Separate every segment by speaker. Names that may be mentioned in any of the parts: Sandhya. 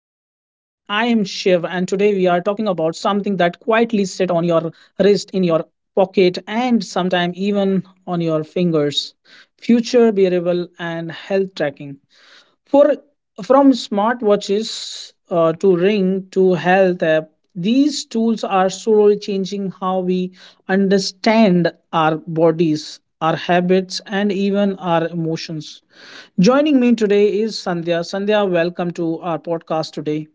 Speaker 1: talking about something that quietly sit on your wrist, in your pocket, and sometimes even on your fingers future wearable and health tracking. For from smartwatches to Ring to health app, these tools are slowly changing how we understand our bodies, our habits, and even our emotions. Joining me today is Sandhya. Sandhya, welcome to our podcast today.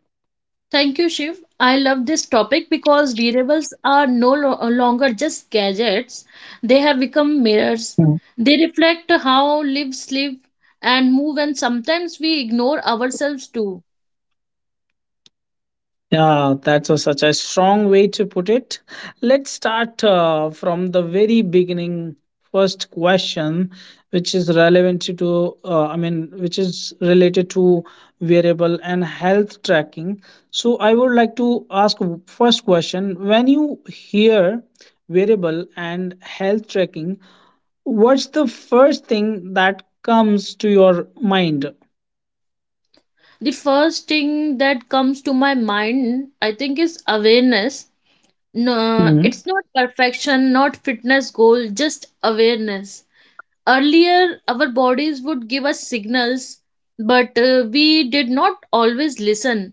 Speaker 2: Thank you, Shiv. I love this topic because wearables are no lo- longer just gadgets, they have become mirrors. They reflect how lives live and move, and sometimes we ignore ourselves too.
Speaker 1: Yeah, that's such a strong way to put it. Let's start from the very beginning. First question, which is relevant to, which is related to wearable and health tracking. So I would like to ask first question. When you hear wearable and health tracking, what's the first thing that comes to your mind?
Speaker 2: The first thing that comes to my mind, I think, is awareness. No,
Speaker 1: Hmm.
Speaker 2: it's not perfection, not fitness goal, just awareness. Earlier, our bodies would give us signals, but we did not always listen,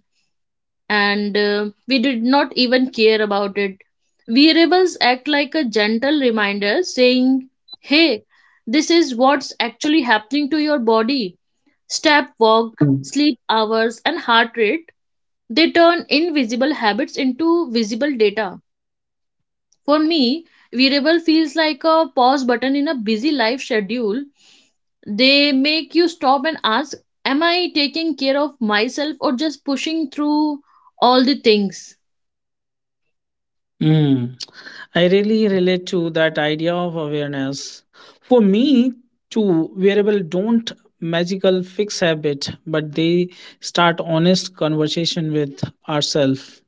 Speaker 2: and we did not even care about it. Wearables act like a gentle reminder saying, hey, this is what's actually happening to your body. Step, walk, sleep hours, and heart rate. They turn invisible habits into visible data. For me, wearable feels like a pause button in a busy life schedule. They make you stop and ask, am I taking care of myself or just pushing through all the things?
Speaker 1: I really relate to that idea of awareness. For me, too, wearable don't magical fix habit, but they start honest conversation with ourselves.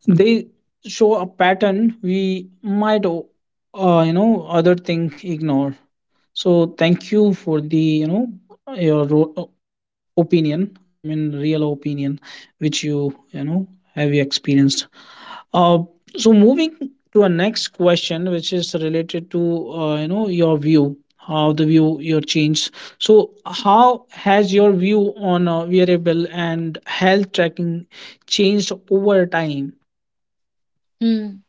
Speaker 1: They show a pattern we might, you know, other thing ignore. So thank you for the your ro- opinion. I mean, real opinion which you know have you experienced. Uh, so moving to our next question, which is related to you know your view, how the view your change. So how has your view on wearable and health tracking changed over time?
Speaker 2: Hmm.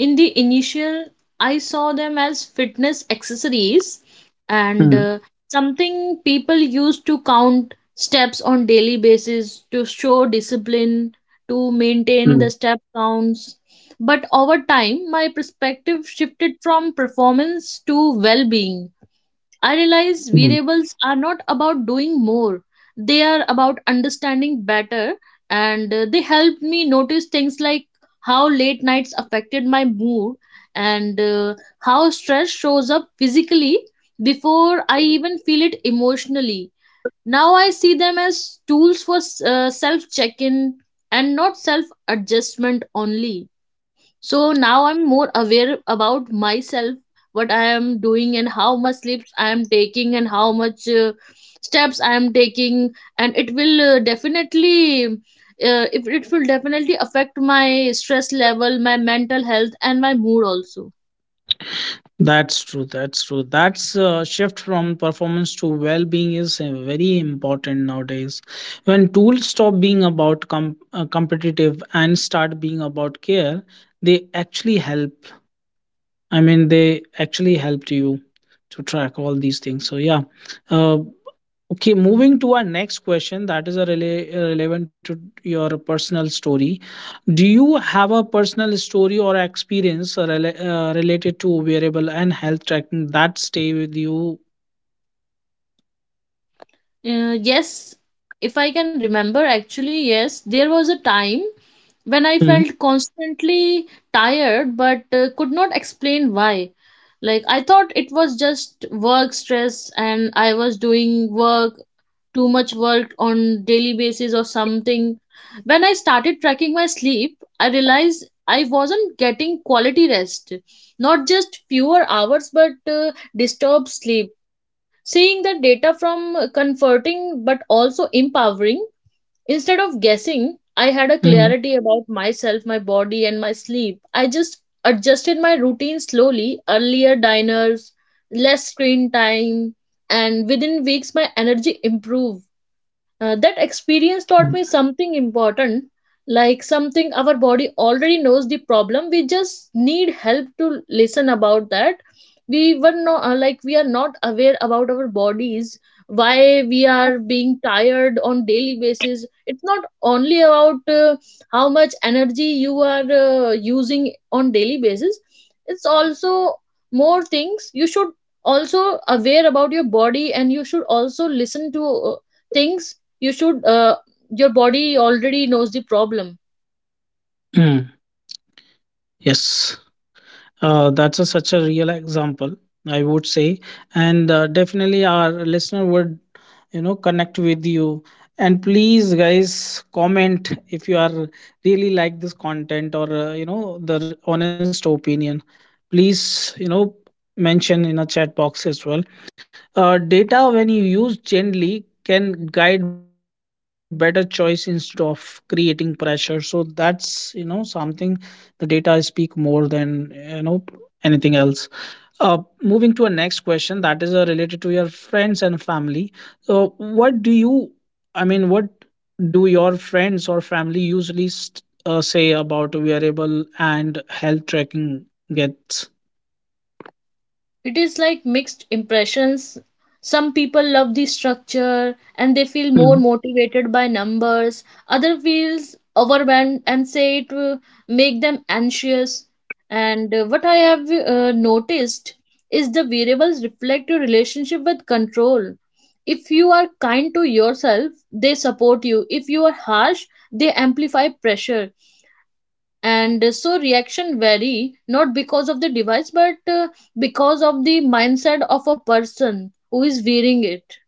Speaker 2: In the initial I saw them as fitness accessories, and
Speaker 1: Mm,
Speaker 2: something people used to count steps on daily basis to show discipline, to maintain
Speaker 1: mm,
Speaker 2: the step counts. But over time my perspective shifted from performance to well-being. I realize
Speaker 1: mm.
Speaker 2: variables are not about doing more, they are about understanding better, and they helped me notice things like how late nights affected my mood, and how stress shows up physically before I even feel it emotionally. Now I see them as tools for self check in, and not self adjustment only. So now I'm more aware about myself, what I am doing, and how much sleeps I am taking, and how much steps I am taking, and it will definitely, if it will definitely affect my stress level, my mental health, and my mood also.
Speaker 1: That's true. That's true. That's shift from performance to well-being is very important nowadays. When tools stop being about competitive and start being about care, they actually help. I mean, they actually helped you to track all these things. So yeah, uh, okay. Moving to our next question, that is a relevant to your personal story. Do you have a personal story or experience related to wearable and health tracking that stay with you?
Speaker 2: Yes, if I can remember, actually, yes, there was a time when I
Speaker 1: Mm,
Speaker 2: felt constantly tired, but could not explain why. Like, I thought it was just work stress and I was doing work, too much work on daily basis or something. When I started tracking my sleep, I realized I wasn't getting quality rest. Not just fewer hours, but disturbed sleep. Seeing the data from comforting but also empowering. Instead of guessing, I had a
Speaker 1: mm,
Speaker 2: clarity about myself, my body, and my sleep. I just adjusted my routine slowly, earlier diners, less screen time, and within weeks my energy improved. That experience
Speaker 1: mm.
Speaker 2: taught me something important, like something our body already knows the problem. We just need help to listen about that. We were not, like, we are not aware about our bodies, why we are being tired on daily basis. It's not only about how much energy you are using on daily basis. It's also more things you should also aware about your body, and you should also listen to uh, things you should your body already knows the problem.
Speaker 1: Mm, yes. That's such a real example, I would say, and definitely our listener would, you know, connect with you. And please, guys, comment if you are really like this content or you know the honest opinion. Please, you know, mention in a chat box as well. Data, when you use gently, can guide better choice instead of creating pressure. So that's you know something. The data speak more than you know anything else. Uh, Moving to a next question that is related to your friends and family. So what do you? I mean, what do your friends or family usually say about wearable and health tracking gets?
Speaker 2: It is like mixed impressions. Some people love the structure and they feel more motivated by numbers, other feels overwhelmed and say it will make them anxious. And what I have noticed is the variables reflect your relationship with control. If you are kind to yourself they support you, if you are harsh they amplify pressure. And so reaction vary, not because of the device, but because of the mindset of a person who is wearing it.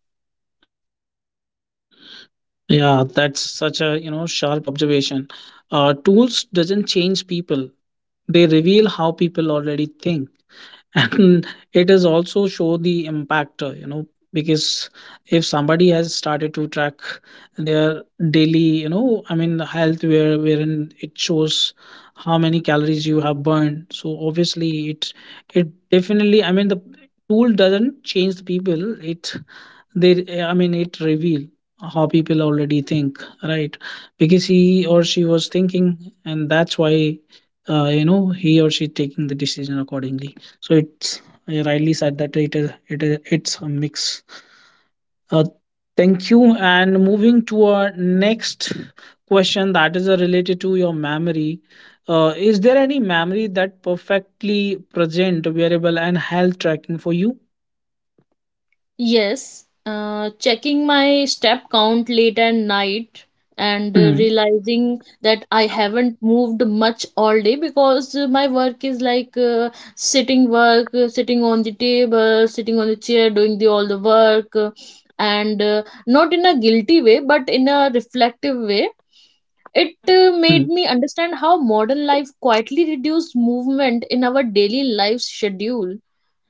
Speaker 1: Yeah, that's such a you know sharp observation. Tools doesn't change people; they reveal how people already think, and it is also show the impactor. You know, because if somebody has started to track their daily, you know, I mean, health where wherein it shows how many calories you have burned. So obviously, it definitely. I mean, the tool doesn't change the people; it they I mean it reveal how people already think, right? Because he or she was thinking and that's why you know he or she taking the decision accordingly, so it's you rightly said that it's a mix. uh, Thank you. And moving to our next question that is related to your memory. Is there any memory that perfectly present wearable and health tracking for you?
Speaker 2: Yes, checking my step count late at night, and
Speaker 1: Mm,
Speaker 2: realizing that I haven't moved much all day, because my work is like sitting work, sitting on the table, sitting on the chair, doing the all the work, and not in a guilty way but in a reflective way. It
Speaker 1: mm,
Speaker 2: made me understand how modern life quietly reduced movement in our daily life schedule.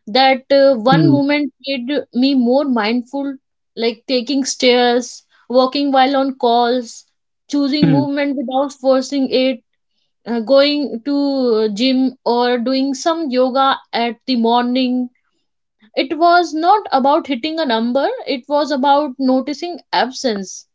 Speaker 2: That one
Speaker 1: mm,
Speaker 2: moment made me more mindful, like taking stairs, walking while on calls, choosing
Speaker 1: mm.
Speaker 2: movement without forcing it, going to gym or doing some yoga at the morning. It was not about hitting a number, it was about noticing absence.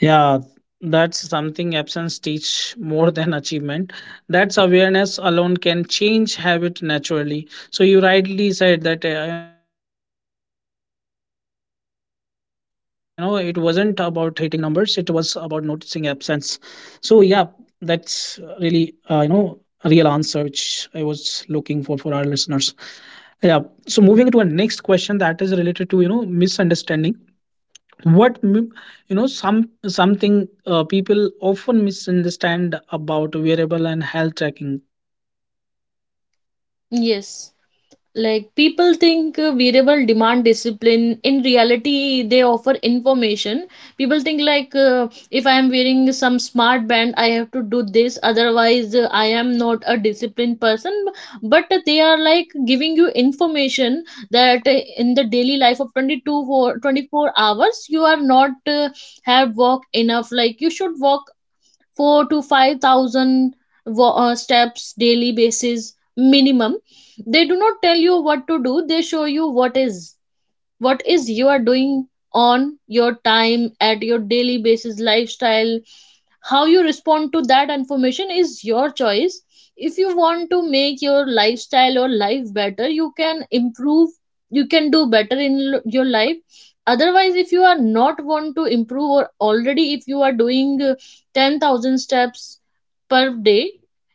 Speaker 1: Yeah, that's something absence teach more than achievement. That's awareness alone can change habit naturally. So you rightly said that you know it wasn't about hitting numbers; it was about noticing absence. So yeah, that's really you know a real answer which I was looking for our listeners. Yeah. So moving to our next question that is related to you know misunderstanding what m- you know some something people often misunderstand about wearable and health tracking.
Speaker 2: Yes. Like, people think variable demand discipline. In reality, they offer information. People think like, if I am wearing some smart band, I have to do this. Otherwise, I am not a disciplined person. But they are like giving you information that, in the daily life of 22 for 24 hours, you are not have work enough. Like, you should work 4 to 5,000 steps daily basis minimum. They do not tell you what to do, they show you what is, what is you are doing on your time at your daily basis lifestyle. How you respond to that information is your choice. If you want to make your lifestyle or life better you can improve, you can do better in your life. Otherwise, if you are not want to improve, or already if you are doing 10,000 steps per day,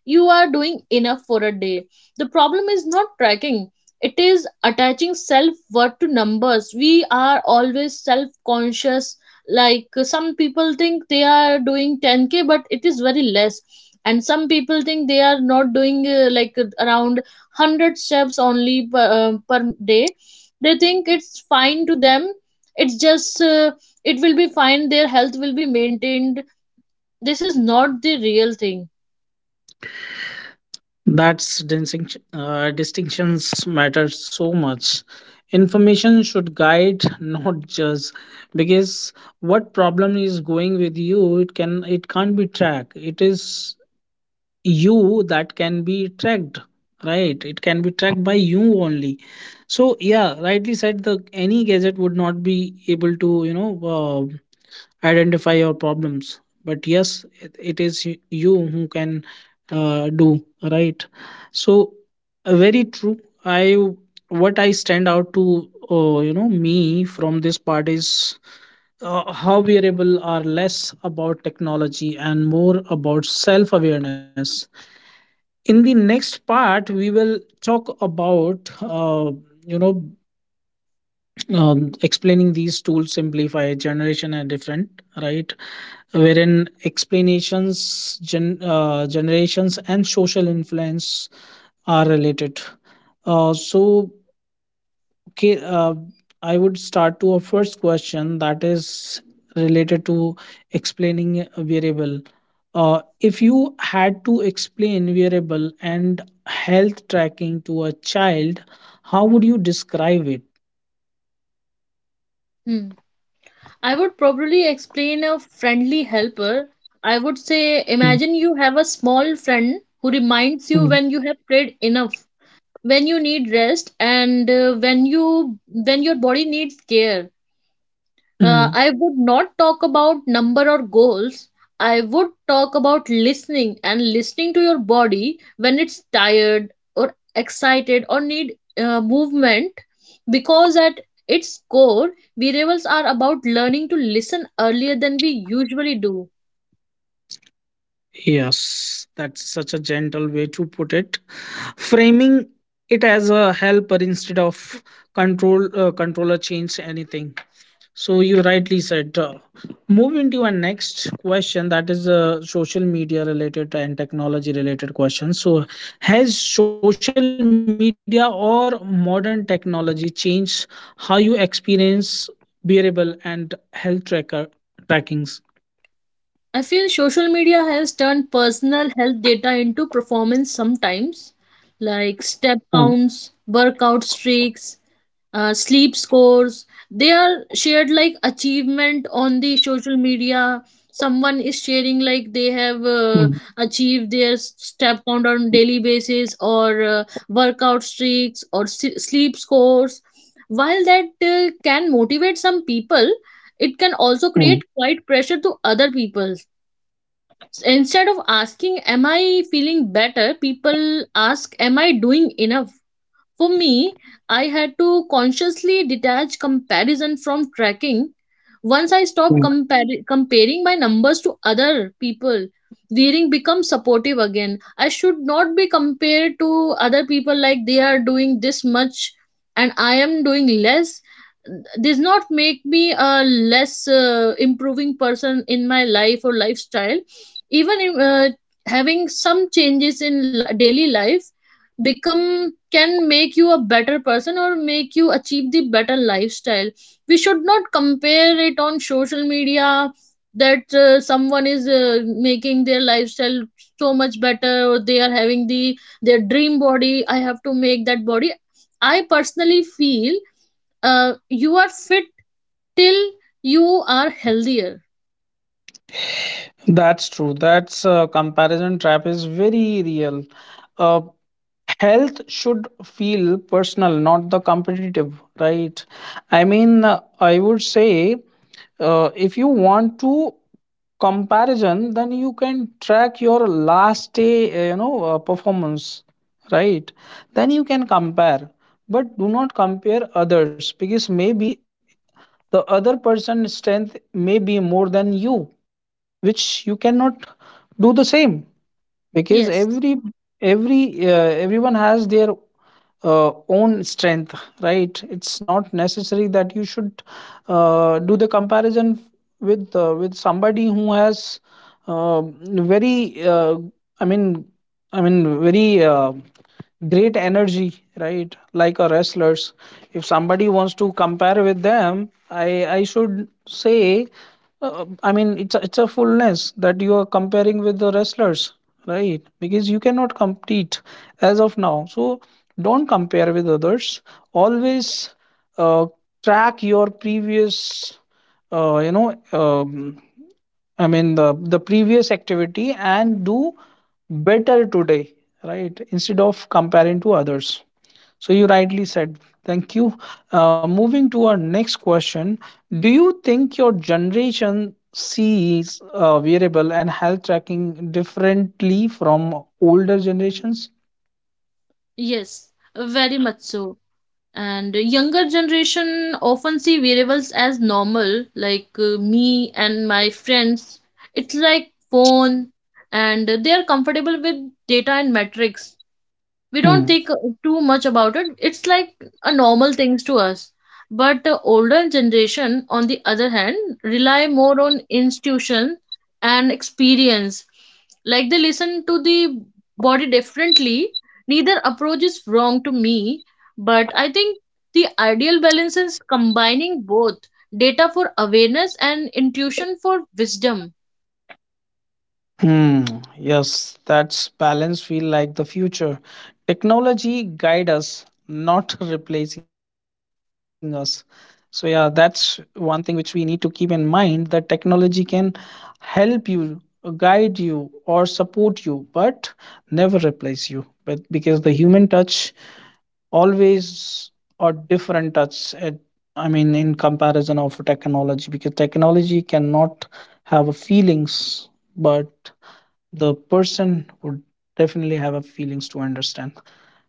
Speaker 2: you are doing enough for a day. The problem is not tracking, it is attaching self worth to numbers. We are always self conscious. Like, some people think they are doing 10k but it is very less, and some people think they are not doing around 100 steps only per, per day. They think it's fine to them, it's just it will be fine, their health will be maintained. This is not the real thing.
Speaker 1: That's distinction distinctions matter so much. Information should guide, not judge, because what problem is going with you it can it can't be tracked, it is you that can be tracked, right? It can be tracked by you only. So yeah, rightly said, the any gadget would not be able to you know identify your problems, but yes it, it is you who can do right. So very true. I what I stand out to you know me from this part is how wearable are less about technology and more about self awareness. In the next part we will talk about you know explaining these tools simplify generation and different, right? Wherein explanations generations and social influence are related. So okay, I would start to a first question that is related to explaining a variable. If you had to explain variable and health tracking to a child, how would you describe it?
Speaker 2: hmm. I would probably explain a friendly helper. I would say,
Speaker 1: Mm,
Speaker 2: imagine you have a small friend who reminds you
Speaker 1: mm,
Speaker 2: when you have played enough, when you need rest, and when you, when your body needs care.
Speaker 1: mm.
Speaker 2: I would not talk about number or goals. I would talk about listening, and listening to your body when it's tired or excited or need movement. Because at its core, variables are about learning to listen earlier than we usually do.
Speaker 1: Yes, that's such a gentle way to put it. Framing it as a helper instead of control controller change anything. So you rightly said. Move into our next question that is social media related and technology related questions. So has social media or modern technology changed how you experience wearable and health tracker trackings?
Speaker 2: I feel social media has turned personal health data into performance sometimes, like
Speaker 1: Mm,
Speaker 2: step counts, workout streaks, sleep scores. They are shared like achievement on the social media. Someone is sharing
Speaker 1: mm,
Speaker 2: like they have achieved their step count on daily basis, or workout streaks, or sleep scores. While that can motivate some people, it can also create quite pressure to other people. Instead of asking, am I feeling better, people ask, am I doing enough? For me, I had to consciously detach comparison from tracking. Once I stopped
Speaker 1: mm.
Speaker 2: comparing my numbers to other people, reading becomes supportive again. I should not be compared to other people, like they are doing this much and I am doing less. Does not make me a less improving person in my life or lifestyle. Even in, having some changes in daily life, become can make you a better person or make you achieve the better lifestyle. We should not compare it on social media, that someone is making their lifestyle so much better, or they are having the their dream body, I have to make that body. I personally feel, you are fit till you are healthier.
Speaker 1: That's true. That's comparison trap is very real. Uh, health should feel personal, not the competitive, right? I mean, I would say if you want to comparison then you can track your last day performance, right? Then you can compare, but do not compare others, because maybe the other person's strength may be more than you which you cannot do the same, because
Speaker 2: Yes.
Speaker 1: every everyone has their own strength, right? It's not necessary that you should do the comparison with somebody who has uh, very I mean I mean very great energy, right? Like a wrestlers. If somebody wants to compare with them i should say it's it's a fullness that you are comparing with the wrestlers, right? Because you cannot compete as of now. So don't compare with others always. uh, Track your previous uh, you know um, the previous activity and do better today, right? Instead of comparing to others. So you rightly said. Thank you. Moving to our next question, do you think your generation sees wearable and health tracking differently from older generations?
Speaker 2: yes Very much so. And younger generation often see wearables as normal, like me and my friends. It's like phone, and they are comfortable with data and metrics. We don't
Speaker 1: Hmm.
Speaker 2: think too much about it, it's like a normal things to us. But the older generation, on the other hand, rely more on institution and experience. Like, they listen to the body differently. Neither approach is wrong to me, but I think the ideal balance is combining both, data for awareness and intuition for wisdom.
Speaker 1: Hmm, yes, that's balance feel like the future. Technology guide us, not replacing us. So yeah, that's one thing which we need to keep in mind that technology can help you, guide you, or support you, but never replace you. But because the human touch always or different touch at, I mean in comparison of technology, because technology cannot have a feelings, but the person would definitely have a feelings to understand.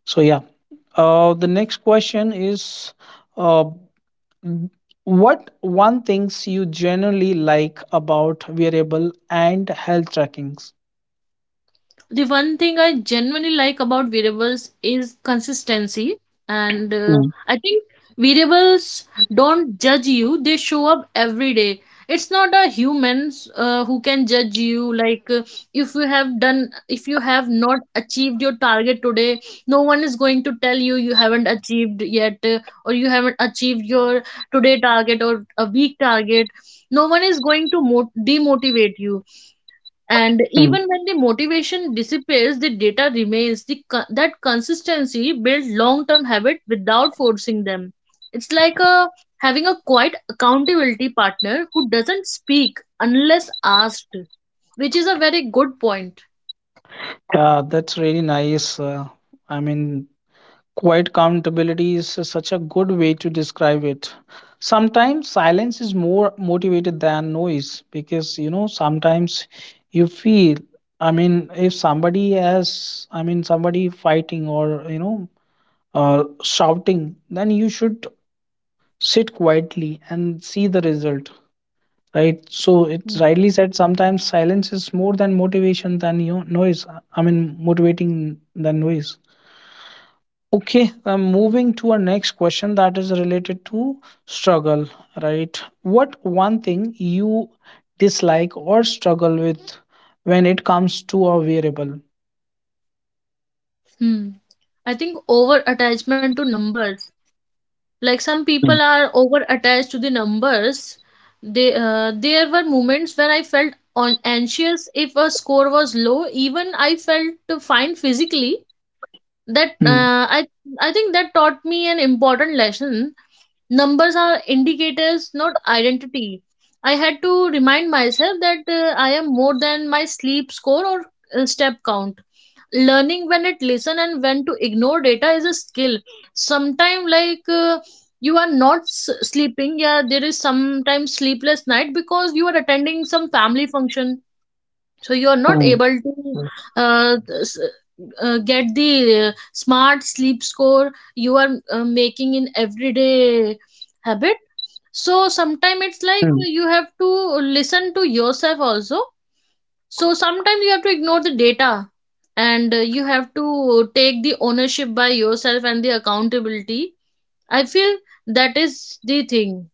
Speaker 1: So yeah, the next question is uh, what one things you generally like about wearable and health trackings?
Speaker 2: The one thing I genuinely like about variables is consistency. And I think variables don't judge you, they show up every day. It's not a humans who can judge you. Like, if you have done, if you have not achieved your target today, no one is going to tell you you haven't achieved yet, or you haven't achieved your today target or a week target. No one is going to demotivate you, and
Speaker 1: Hmm.
Speaker 2: even when the motivation disappears the data remains. The that consistency builds long term habit without forcing them. It's like a having a quiet accountability partner who doesn't speak unless asked, which is a very good point.
Speaker 1: Yeah, that's really nice. I mean Quiet accountability is such a good way to describe it. Sometimes silence is more motivated than noise because you know sometimes you feel I mean if somebody has I mean somebody fighting or you know shouting then you should sit quietly and see the result, right? So it's rightly said, sometimes silence is more than motivation than you know, noise. I mean motivating than noise. Okay, I'm moving to our next question that is related to struggle, right? What one thing you dislike or struggle with when it comes to a variable?
Speaker 2: Hmm. I think over attachment to numbers. Like, some people
Speaker 1: Mm,
Speaker 2: are over attached to the numbers. They There were moments when I felt on anxious if a score was low even I felt fine physically. that
Speaker 1: mm,
Speaker 2: uh, i i think that taught me an important lesson. Numbers are indicators, not identity. I had to remind myself that I am more than my sleep score or step count. Learning when it listen and when to ignore data is a skill. Sometime you are not sleeping. Yeah, there is sometimes sleepless night because you are attending some family function. So you are not
Speaker 1: mm,
Speaker 2: able to uh, s- get the smart sleep score you are making in everyday habit. So
Speaker 1: mm.
Speaker 2: sometime it's like you have to listen to yourself also. So sometimes you have to ignore the data, and you have to take the ownership by yourself and the accountability. I feel that is the thing.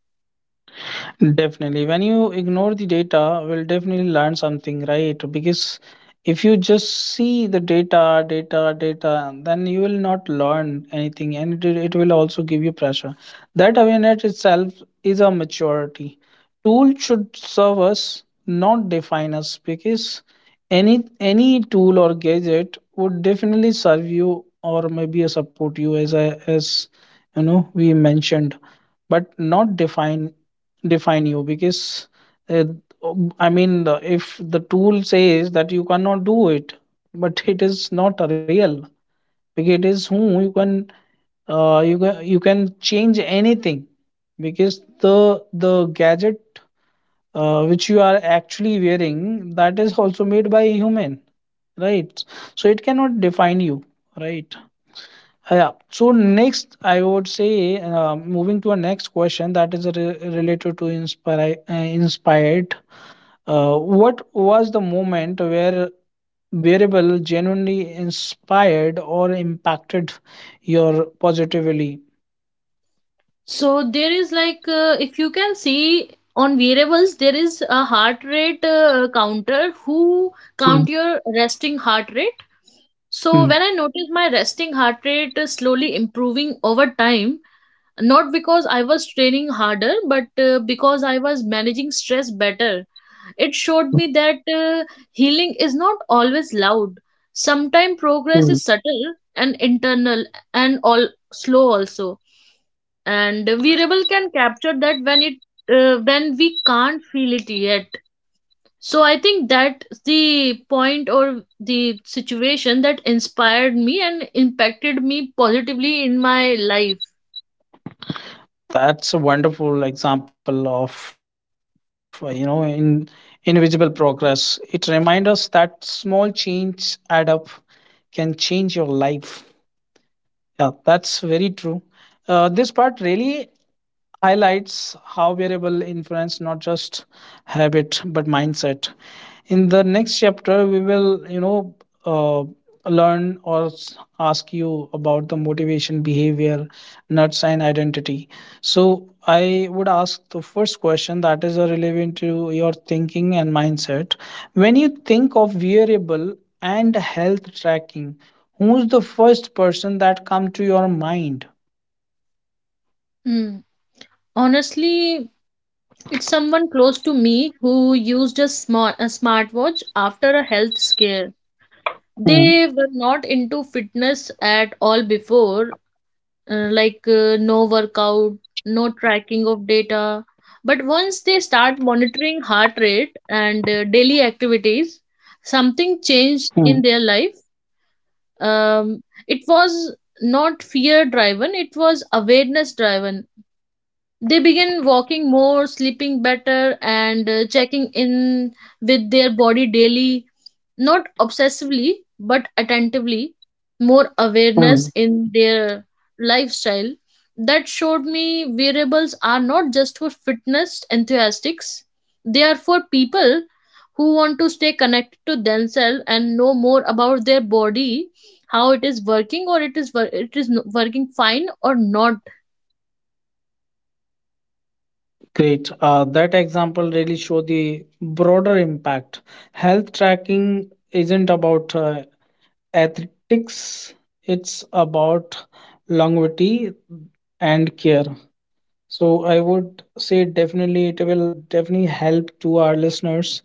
Speaker 1: Definitely. When you ignore the data, we'll definitely learn something, right? Because if you just see the data, then you will not learn anything and it will also give you pressure. That awareness itself is a maturity. Tool should serve us, not define us, because any tool or gadget would definitely serve you or maybe support you as I as you know we mentioned, but not define you, because uh, if the tool says that you cannot do it, but it is not real, because it is who you can you can change anything, because the gadget which you are actually wearing, that is also made by a human, right? So it cannot define you, right? Yeah. So next, I would say, moving to our next question that is re- related to inspire, inspired. What was the moment where wearable genuinely inspired or impacted your positively?
Speaker 2: So there is like, if you can see on variables, there is a heart rate counter who count
Speaker 1: Mm,
Speaker 2: your resting heart rate. So
Speaker 1: mm,
Speaker 2: when I noticed my resting heart rate is slowly improving over time, not because I was training harder, but because I was managing stress better. It showed me that healing is not always loud. Sometimes
Speaker 1: mm.
Speaker 2: progress is subtle and internal and all slow also. And wearable can capture that when it when we can't feel it yet. So I think that's the point or the situation that inspired me and impacted me positively in my life.
Speaker 1: That's a wonderful example of you know in invisible progress. It reminds us that small change add up can change your life. Yeah, that's very true. This part really highlights how wearable influence not just habit but mindset. In the next chapter we will uh, learn or ask you about the motivation behavior nuts and identity. So I would ask the first question, that is relevant to your thinking and mindset. When you think of wearable and health tracking, who's the first person that come to your mind?
Speaker 2: Hmm. Honestly, it's someone close to me who used a smartwatch after a health scare.
Speaker 1: Hmm,
Speaker 2: They were not into fitness at all before, like, no workout, no tracking of data. But once they start monitoring heart rate and daily activities, something
Speaker 1: hmm,
Speaker 2: changed in their life. It was not fear driven, it was awareness driven. They began walking more, sleeping better, and checking in with their body daily, not obsessively but attentively, more
Speaker 1: hmm.
Speaker 2: awareness in their lifestyle. That showed me wearables are not just for fitness enthusiasts, they are for people who want to stay connected to themselves and know more about their body, how it is working or it is wor- it is no- working fine or not.
Speaker 1: Great. That example really show the broader impact. Health tracking isn't about athletics; it's about longevity and care. So I would say definitely it will definitely help to our listeners,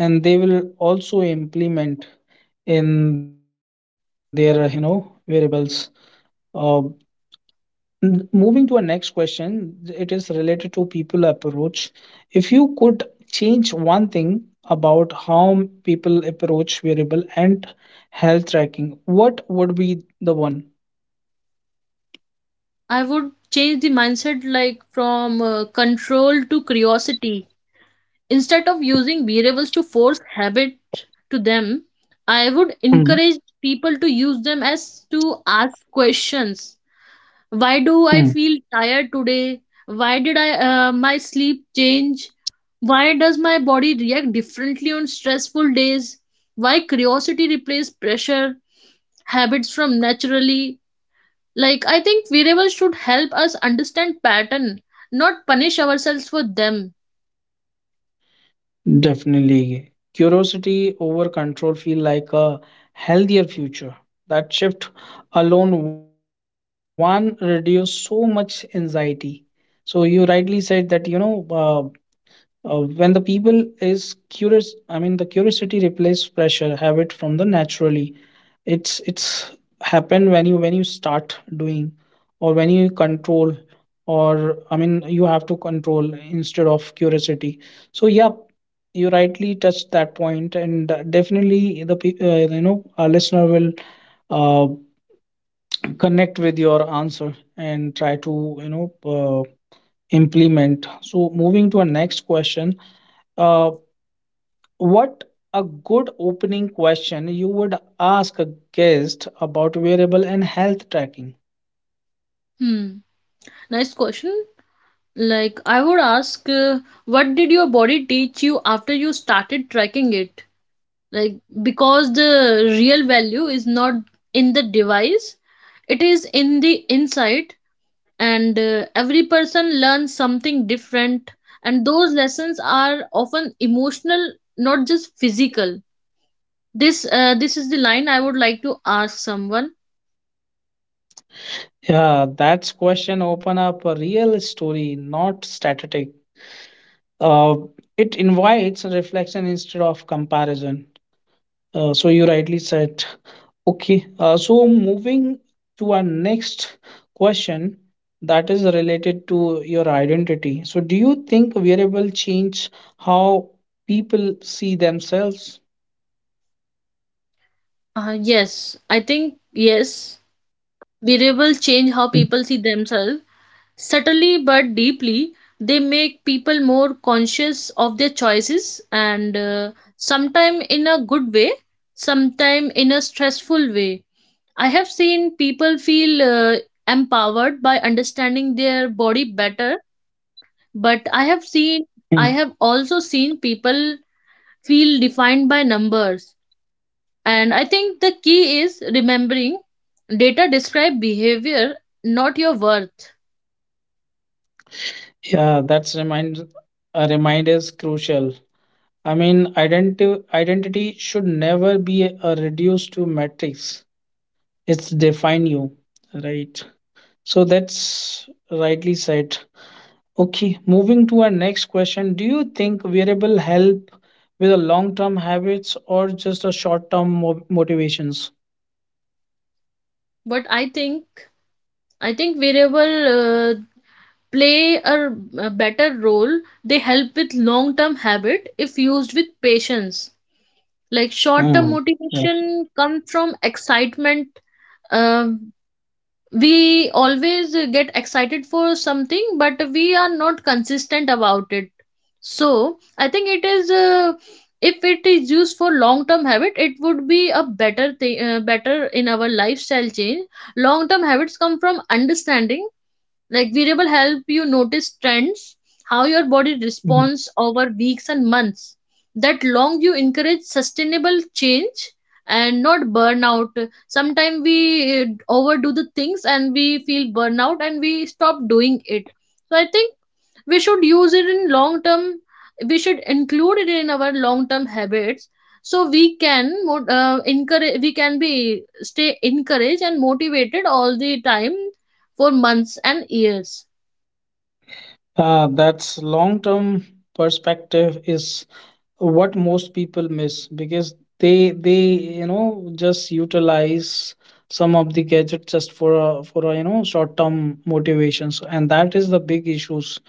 Speaker 1: and they will also implement in their variables. Uh, Moving to our next question, it is related to people approach. If you could change one thing about how people approach wearable and health tracking, what would be the one?
Speaker 2: I would change the mindset, like from control to curiosity. Instead of using wearables to force habit to them, I would
Speaker 1: Mm,
Speaker 2: encourage people to use them as to ask questions. Why do I
Speaker 1: mm.
Speaker 2: feel tired today? Why did I my sleep change? Why does my body react differently on stressful days? Why curiosity replaces pressure? Habits from naturally. Like, I think wearables should help us understand pattern, not punish ourselves for them.
Speaker 1: Definitely. Curiosity over control feel like a healthier future. That shift alone one reduce so much anxiety. So you rightly said that when the people is curious, I mean the curiosity replaces pressure. Habit from the naturally. It's happened when you start doing, or when you control, or I mean you have to control instead of curiosity. So yeah, you rightly touched that point, and definitely our listener will uh, connect with your answer and try to implement. So moving to our next question, uh, what a good opening question you would ask a guest about wearable and health tracking.
Speaker 2: Hmm. Nice question. Like, I would ask, what did your body teach you after you started tracking it? Like, because the real value is not in the device, it is in the insight, and every person learns something different, and those lessons are often emotional, not just physical. This is the line I would like to ask someone.
Speaker 1: Yeah, that's question open up a real story, not static. Uh, it invites reflection instead of comparison. So you rightly said. Okay, so moving to our next question, that is related to your identity. So do you think wearable change how people see themselves?
Speaker 2: Yes, I think yes. Variables change how people see themselves subtly but deeply. They make people more conscious of their choices, and sometime in a good way, sometime in a stressful way. I have seen people feel empowered by understanding their body better, but I have also seen people feel defined by numbers. And I think the key is remembering data describe behavior, not your worth.
Speaker 1: Yeah, that's remind is crucial. I mean, identity should never be a reduced to matrix. It's define you, right? So that's rightly said. Okay, moving to our next question. Do you think wearable help with the long term habits or just a short term motivations?
Speaker 2: But I think I think variable play a better role. They help with long term habit if used with patience. Like, short term
Speaker 1: Mm, yes.
Speaker 2: motivation comes from excitement. Uh, we always get excited for something, but we are not consistent about it. So I think it is. If it is used for long term habit, it would be a better thing, better in our lifestyle change. Long term habits come from understanding. Like, variable help you notice trends, how your body
Speaker 1: Mm.
Speaker 2: responds over weeks and months. That long you encourage sustainable change and not burnout. Sometimes we overdo the things and we feel burnout and we stop doing it. So I think we should use it in long term. We should include it in our long term habits so we can encourage, we can be stay encouraged and motivated all the time for months and years.
Speaker 1: That's long term perspective is what most people miss because they just utilize some of the gadget just for short term motivations, and that is the big issues,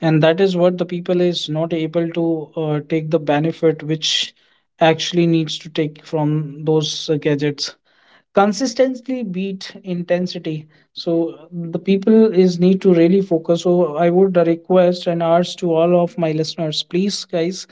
Speaker 1: and that is what the people is not able to take the benefit which actually needs to take from those gadgets consistently beat intensity. So the people is need to really focus, so I would request and urge to all of my listeners, please guys,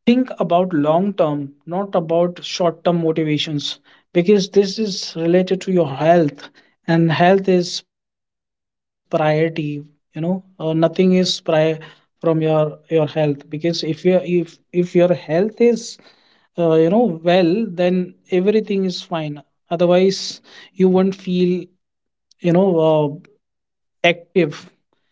Speaker 1: think about long term, not about short term motivations, because this is related to your health, and health is priority. You know, nothing is prior from your health, because if your health is well, then everything is fine, otherwise you won't feel you know uh, active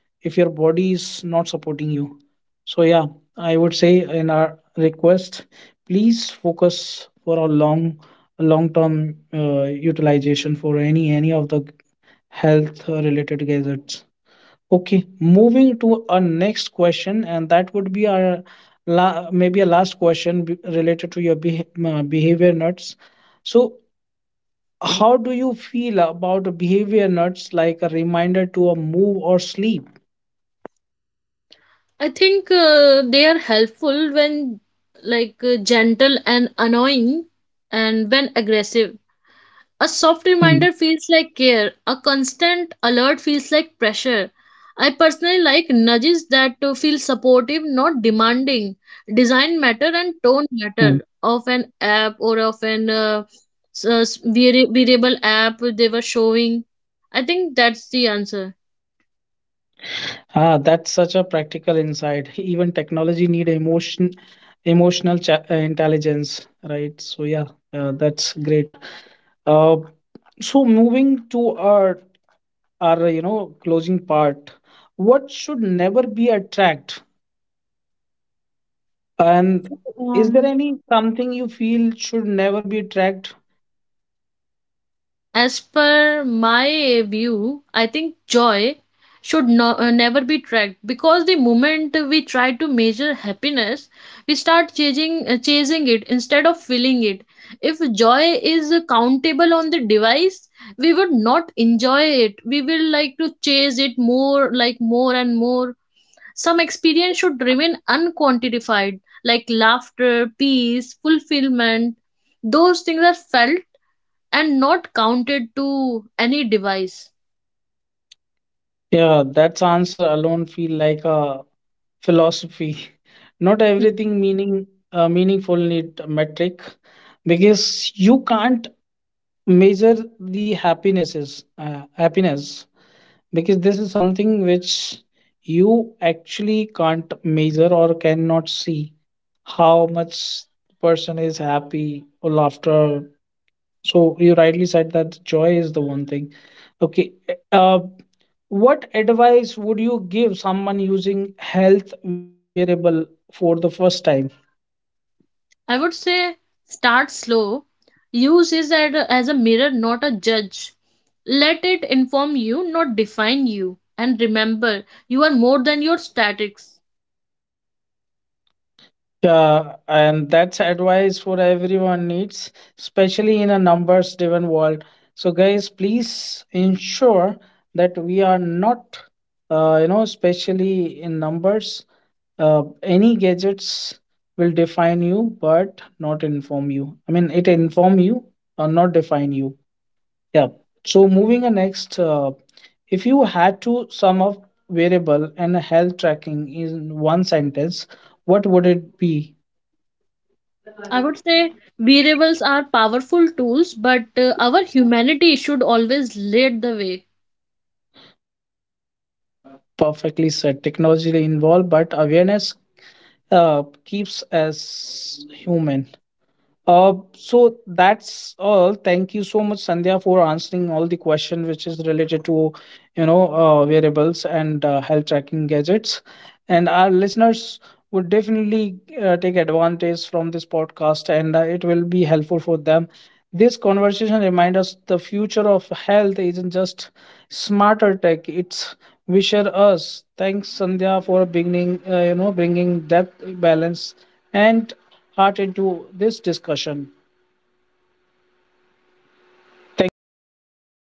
Speaker 1: if your body is not supporting you. So yeah, I would say in our request, please focus for a long term utilization for any of the health related gadgets. Okay, moving to our next question, and that would be our maybe a last question related to your behavior nuts. So, how do you feel about the behavior nuts like a reminder to a move or sleep?
Speaker 2: I think they are helpful when like gentle and annoying and when aggressive. A soft
Speaker 1: Mm,
Speaker 2: reminder feels like care, a constant alert feels like pressure. I personally like nudges that feel supportive, not demanding. Design matter
Speaker 1: mm.
Speaker 2: and tone matter of an app or of an variable app they were showing. I think that's the answer.
Speaker 1: Ah, that's such a practical insight. Even technology need emotion, intelligence, right? So yeah, that's great. Uh, so moving to our closing part, what should never be a tracked, and is there
Speaker 2: Um.
Speaker 1: any something you feel should never be tracked?
Speaker 2: As per my view, I think joy should never be tracked because the moment we try to measure happiness, we start chasing it instead of feeling it. If joy is countable on the device, we would not enjoy it. We will like to chase it more, like more and more. Some experience should remain unquantified, like laughter, peace, fulfillment. Those things are felt and not counted to any device.
Speaker 1: Yeah, that's answer alone feel like a philosophy. Not everything meaningful need a metric, because you can't measure the happiness, because this is something which you actually can't measure or cannot see how much person is happy or laughter. So you rightly said that joy is the one thing. Okay. Uh, what advice would you give someone using health variable for the first time?
Speaker 2: I would say start slow. Use is as as a mirror, not a judge. Let it inform you, not define you. And remember, you are more than your statics.
Speaker 1: Yeah, and that's advice for everyone needs, especially in a numbers driven world. So guys, please ensure that we are not especially in numbers, any gadgets will define you but not inform you. I mean, it inform you or not define you, yeah. So moving on next, if you had to sum up variable and health tracking in one sentence, what would it be?
Speaker 2: I would say wearables are powerful tools, but our humanity should always lead the way.
Speaker 1: Perfectly said. Technology involved but awareness keeps us human. So that's all. Thank you so much, Sandhya, for answering all the question which is related to, you know, variables and health tracking gadgets. And our listeners would definitely take advantage from this podcast, and it will be helpful for them. This conversation reminds us the future of health isn't just smarter tech; it's wisher us. Thanks, Sandhya, for beginning, bringing depth, balance, and heart into this discussion. Thank you for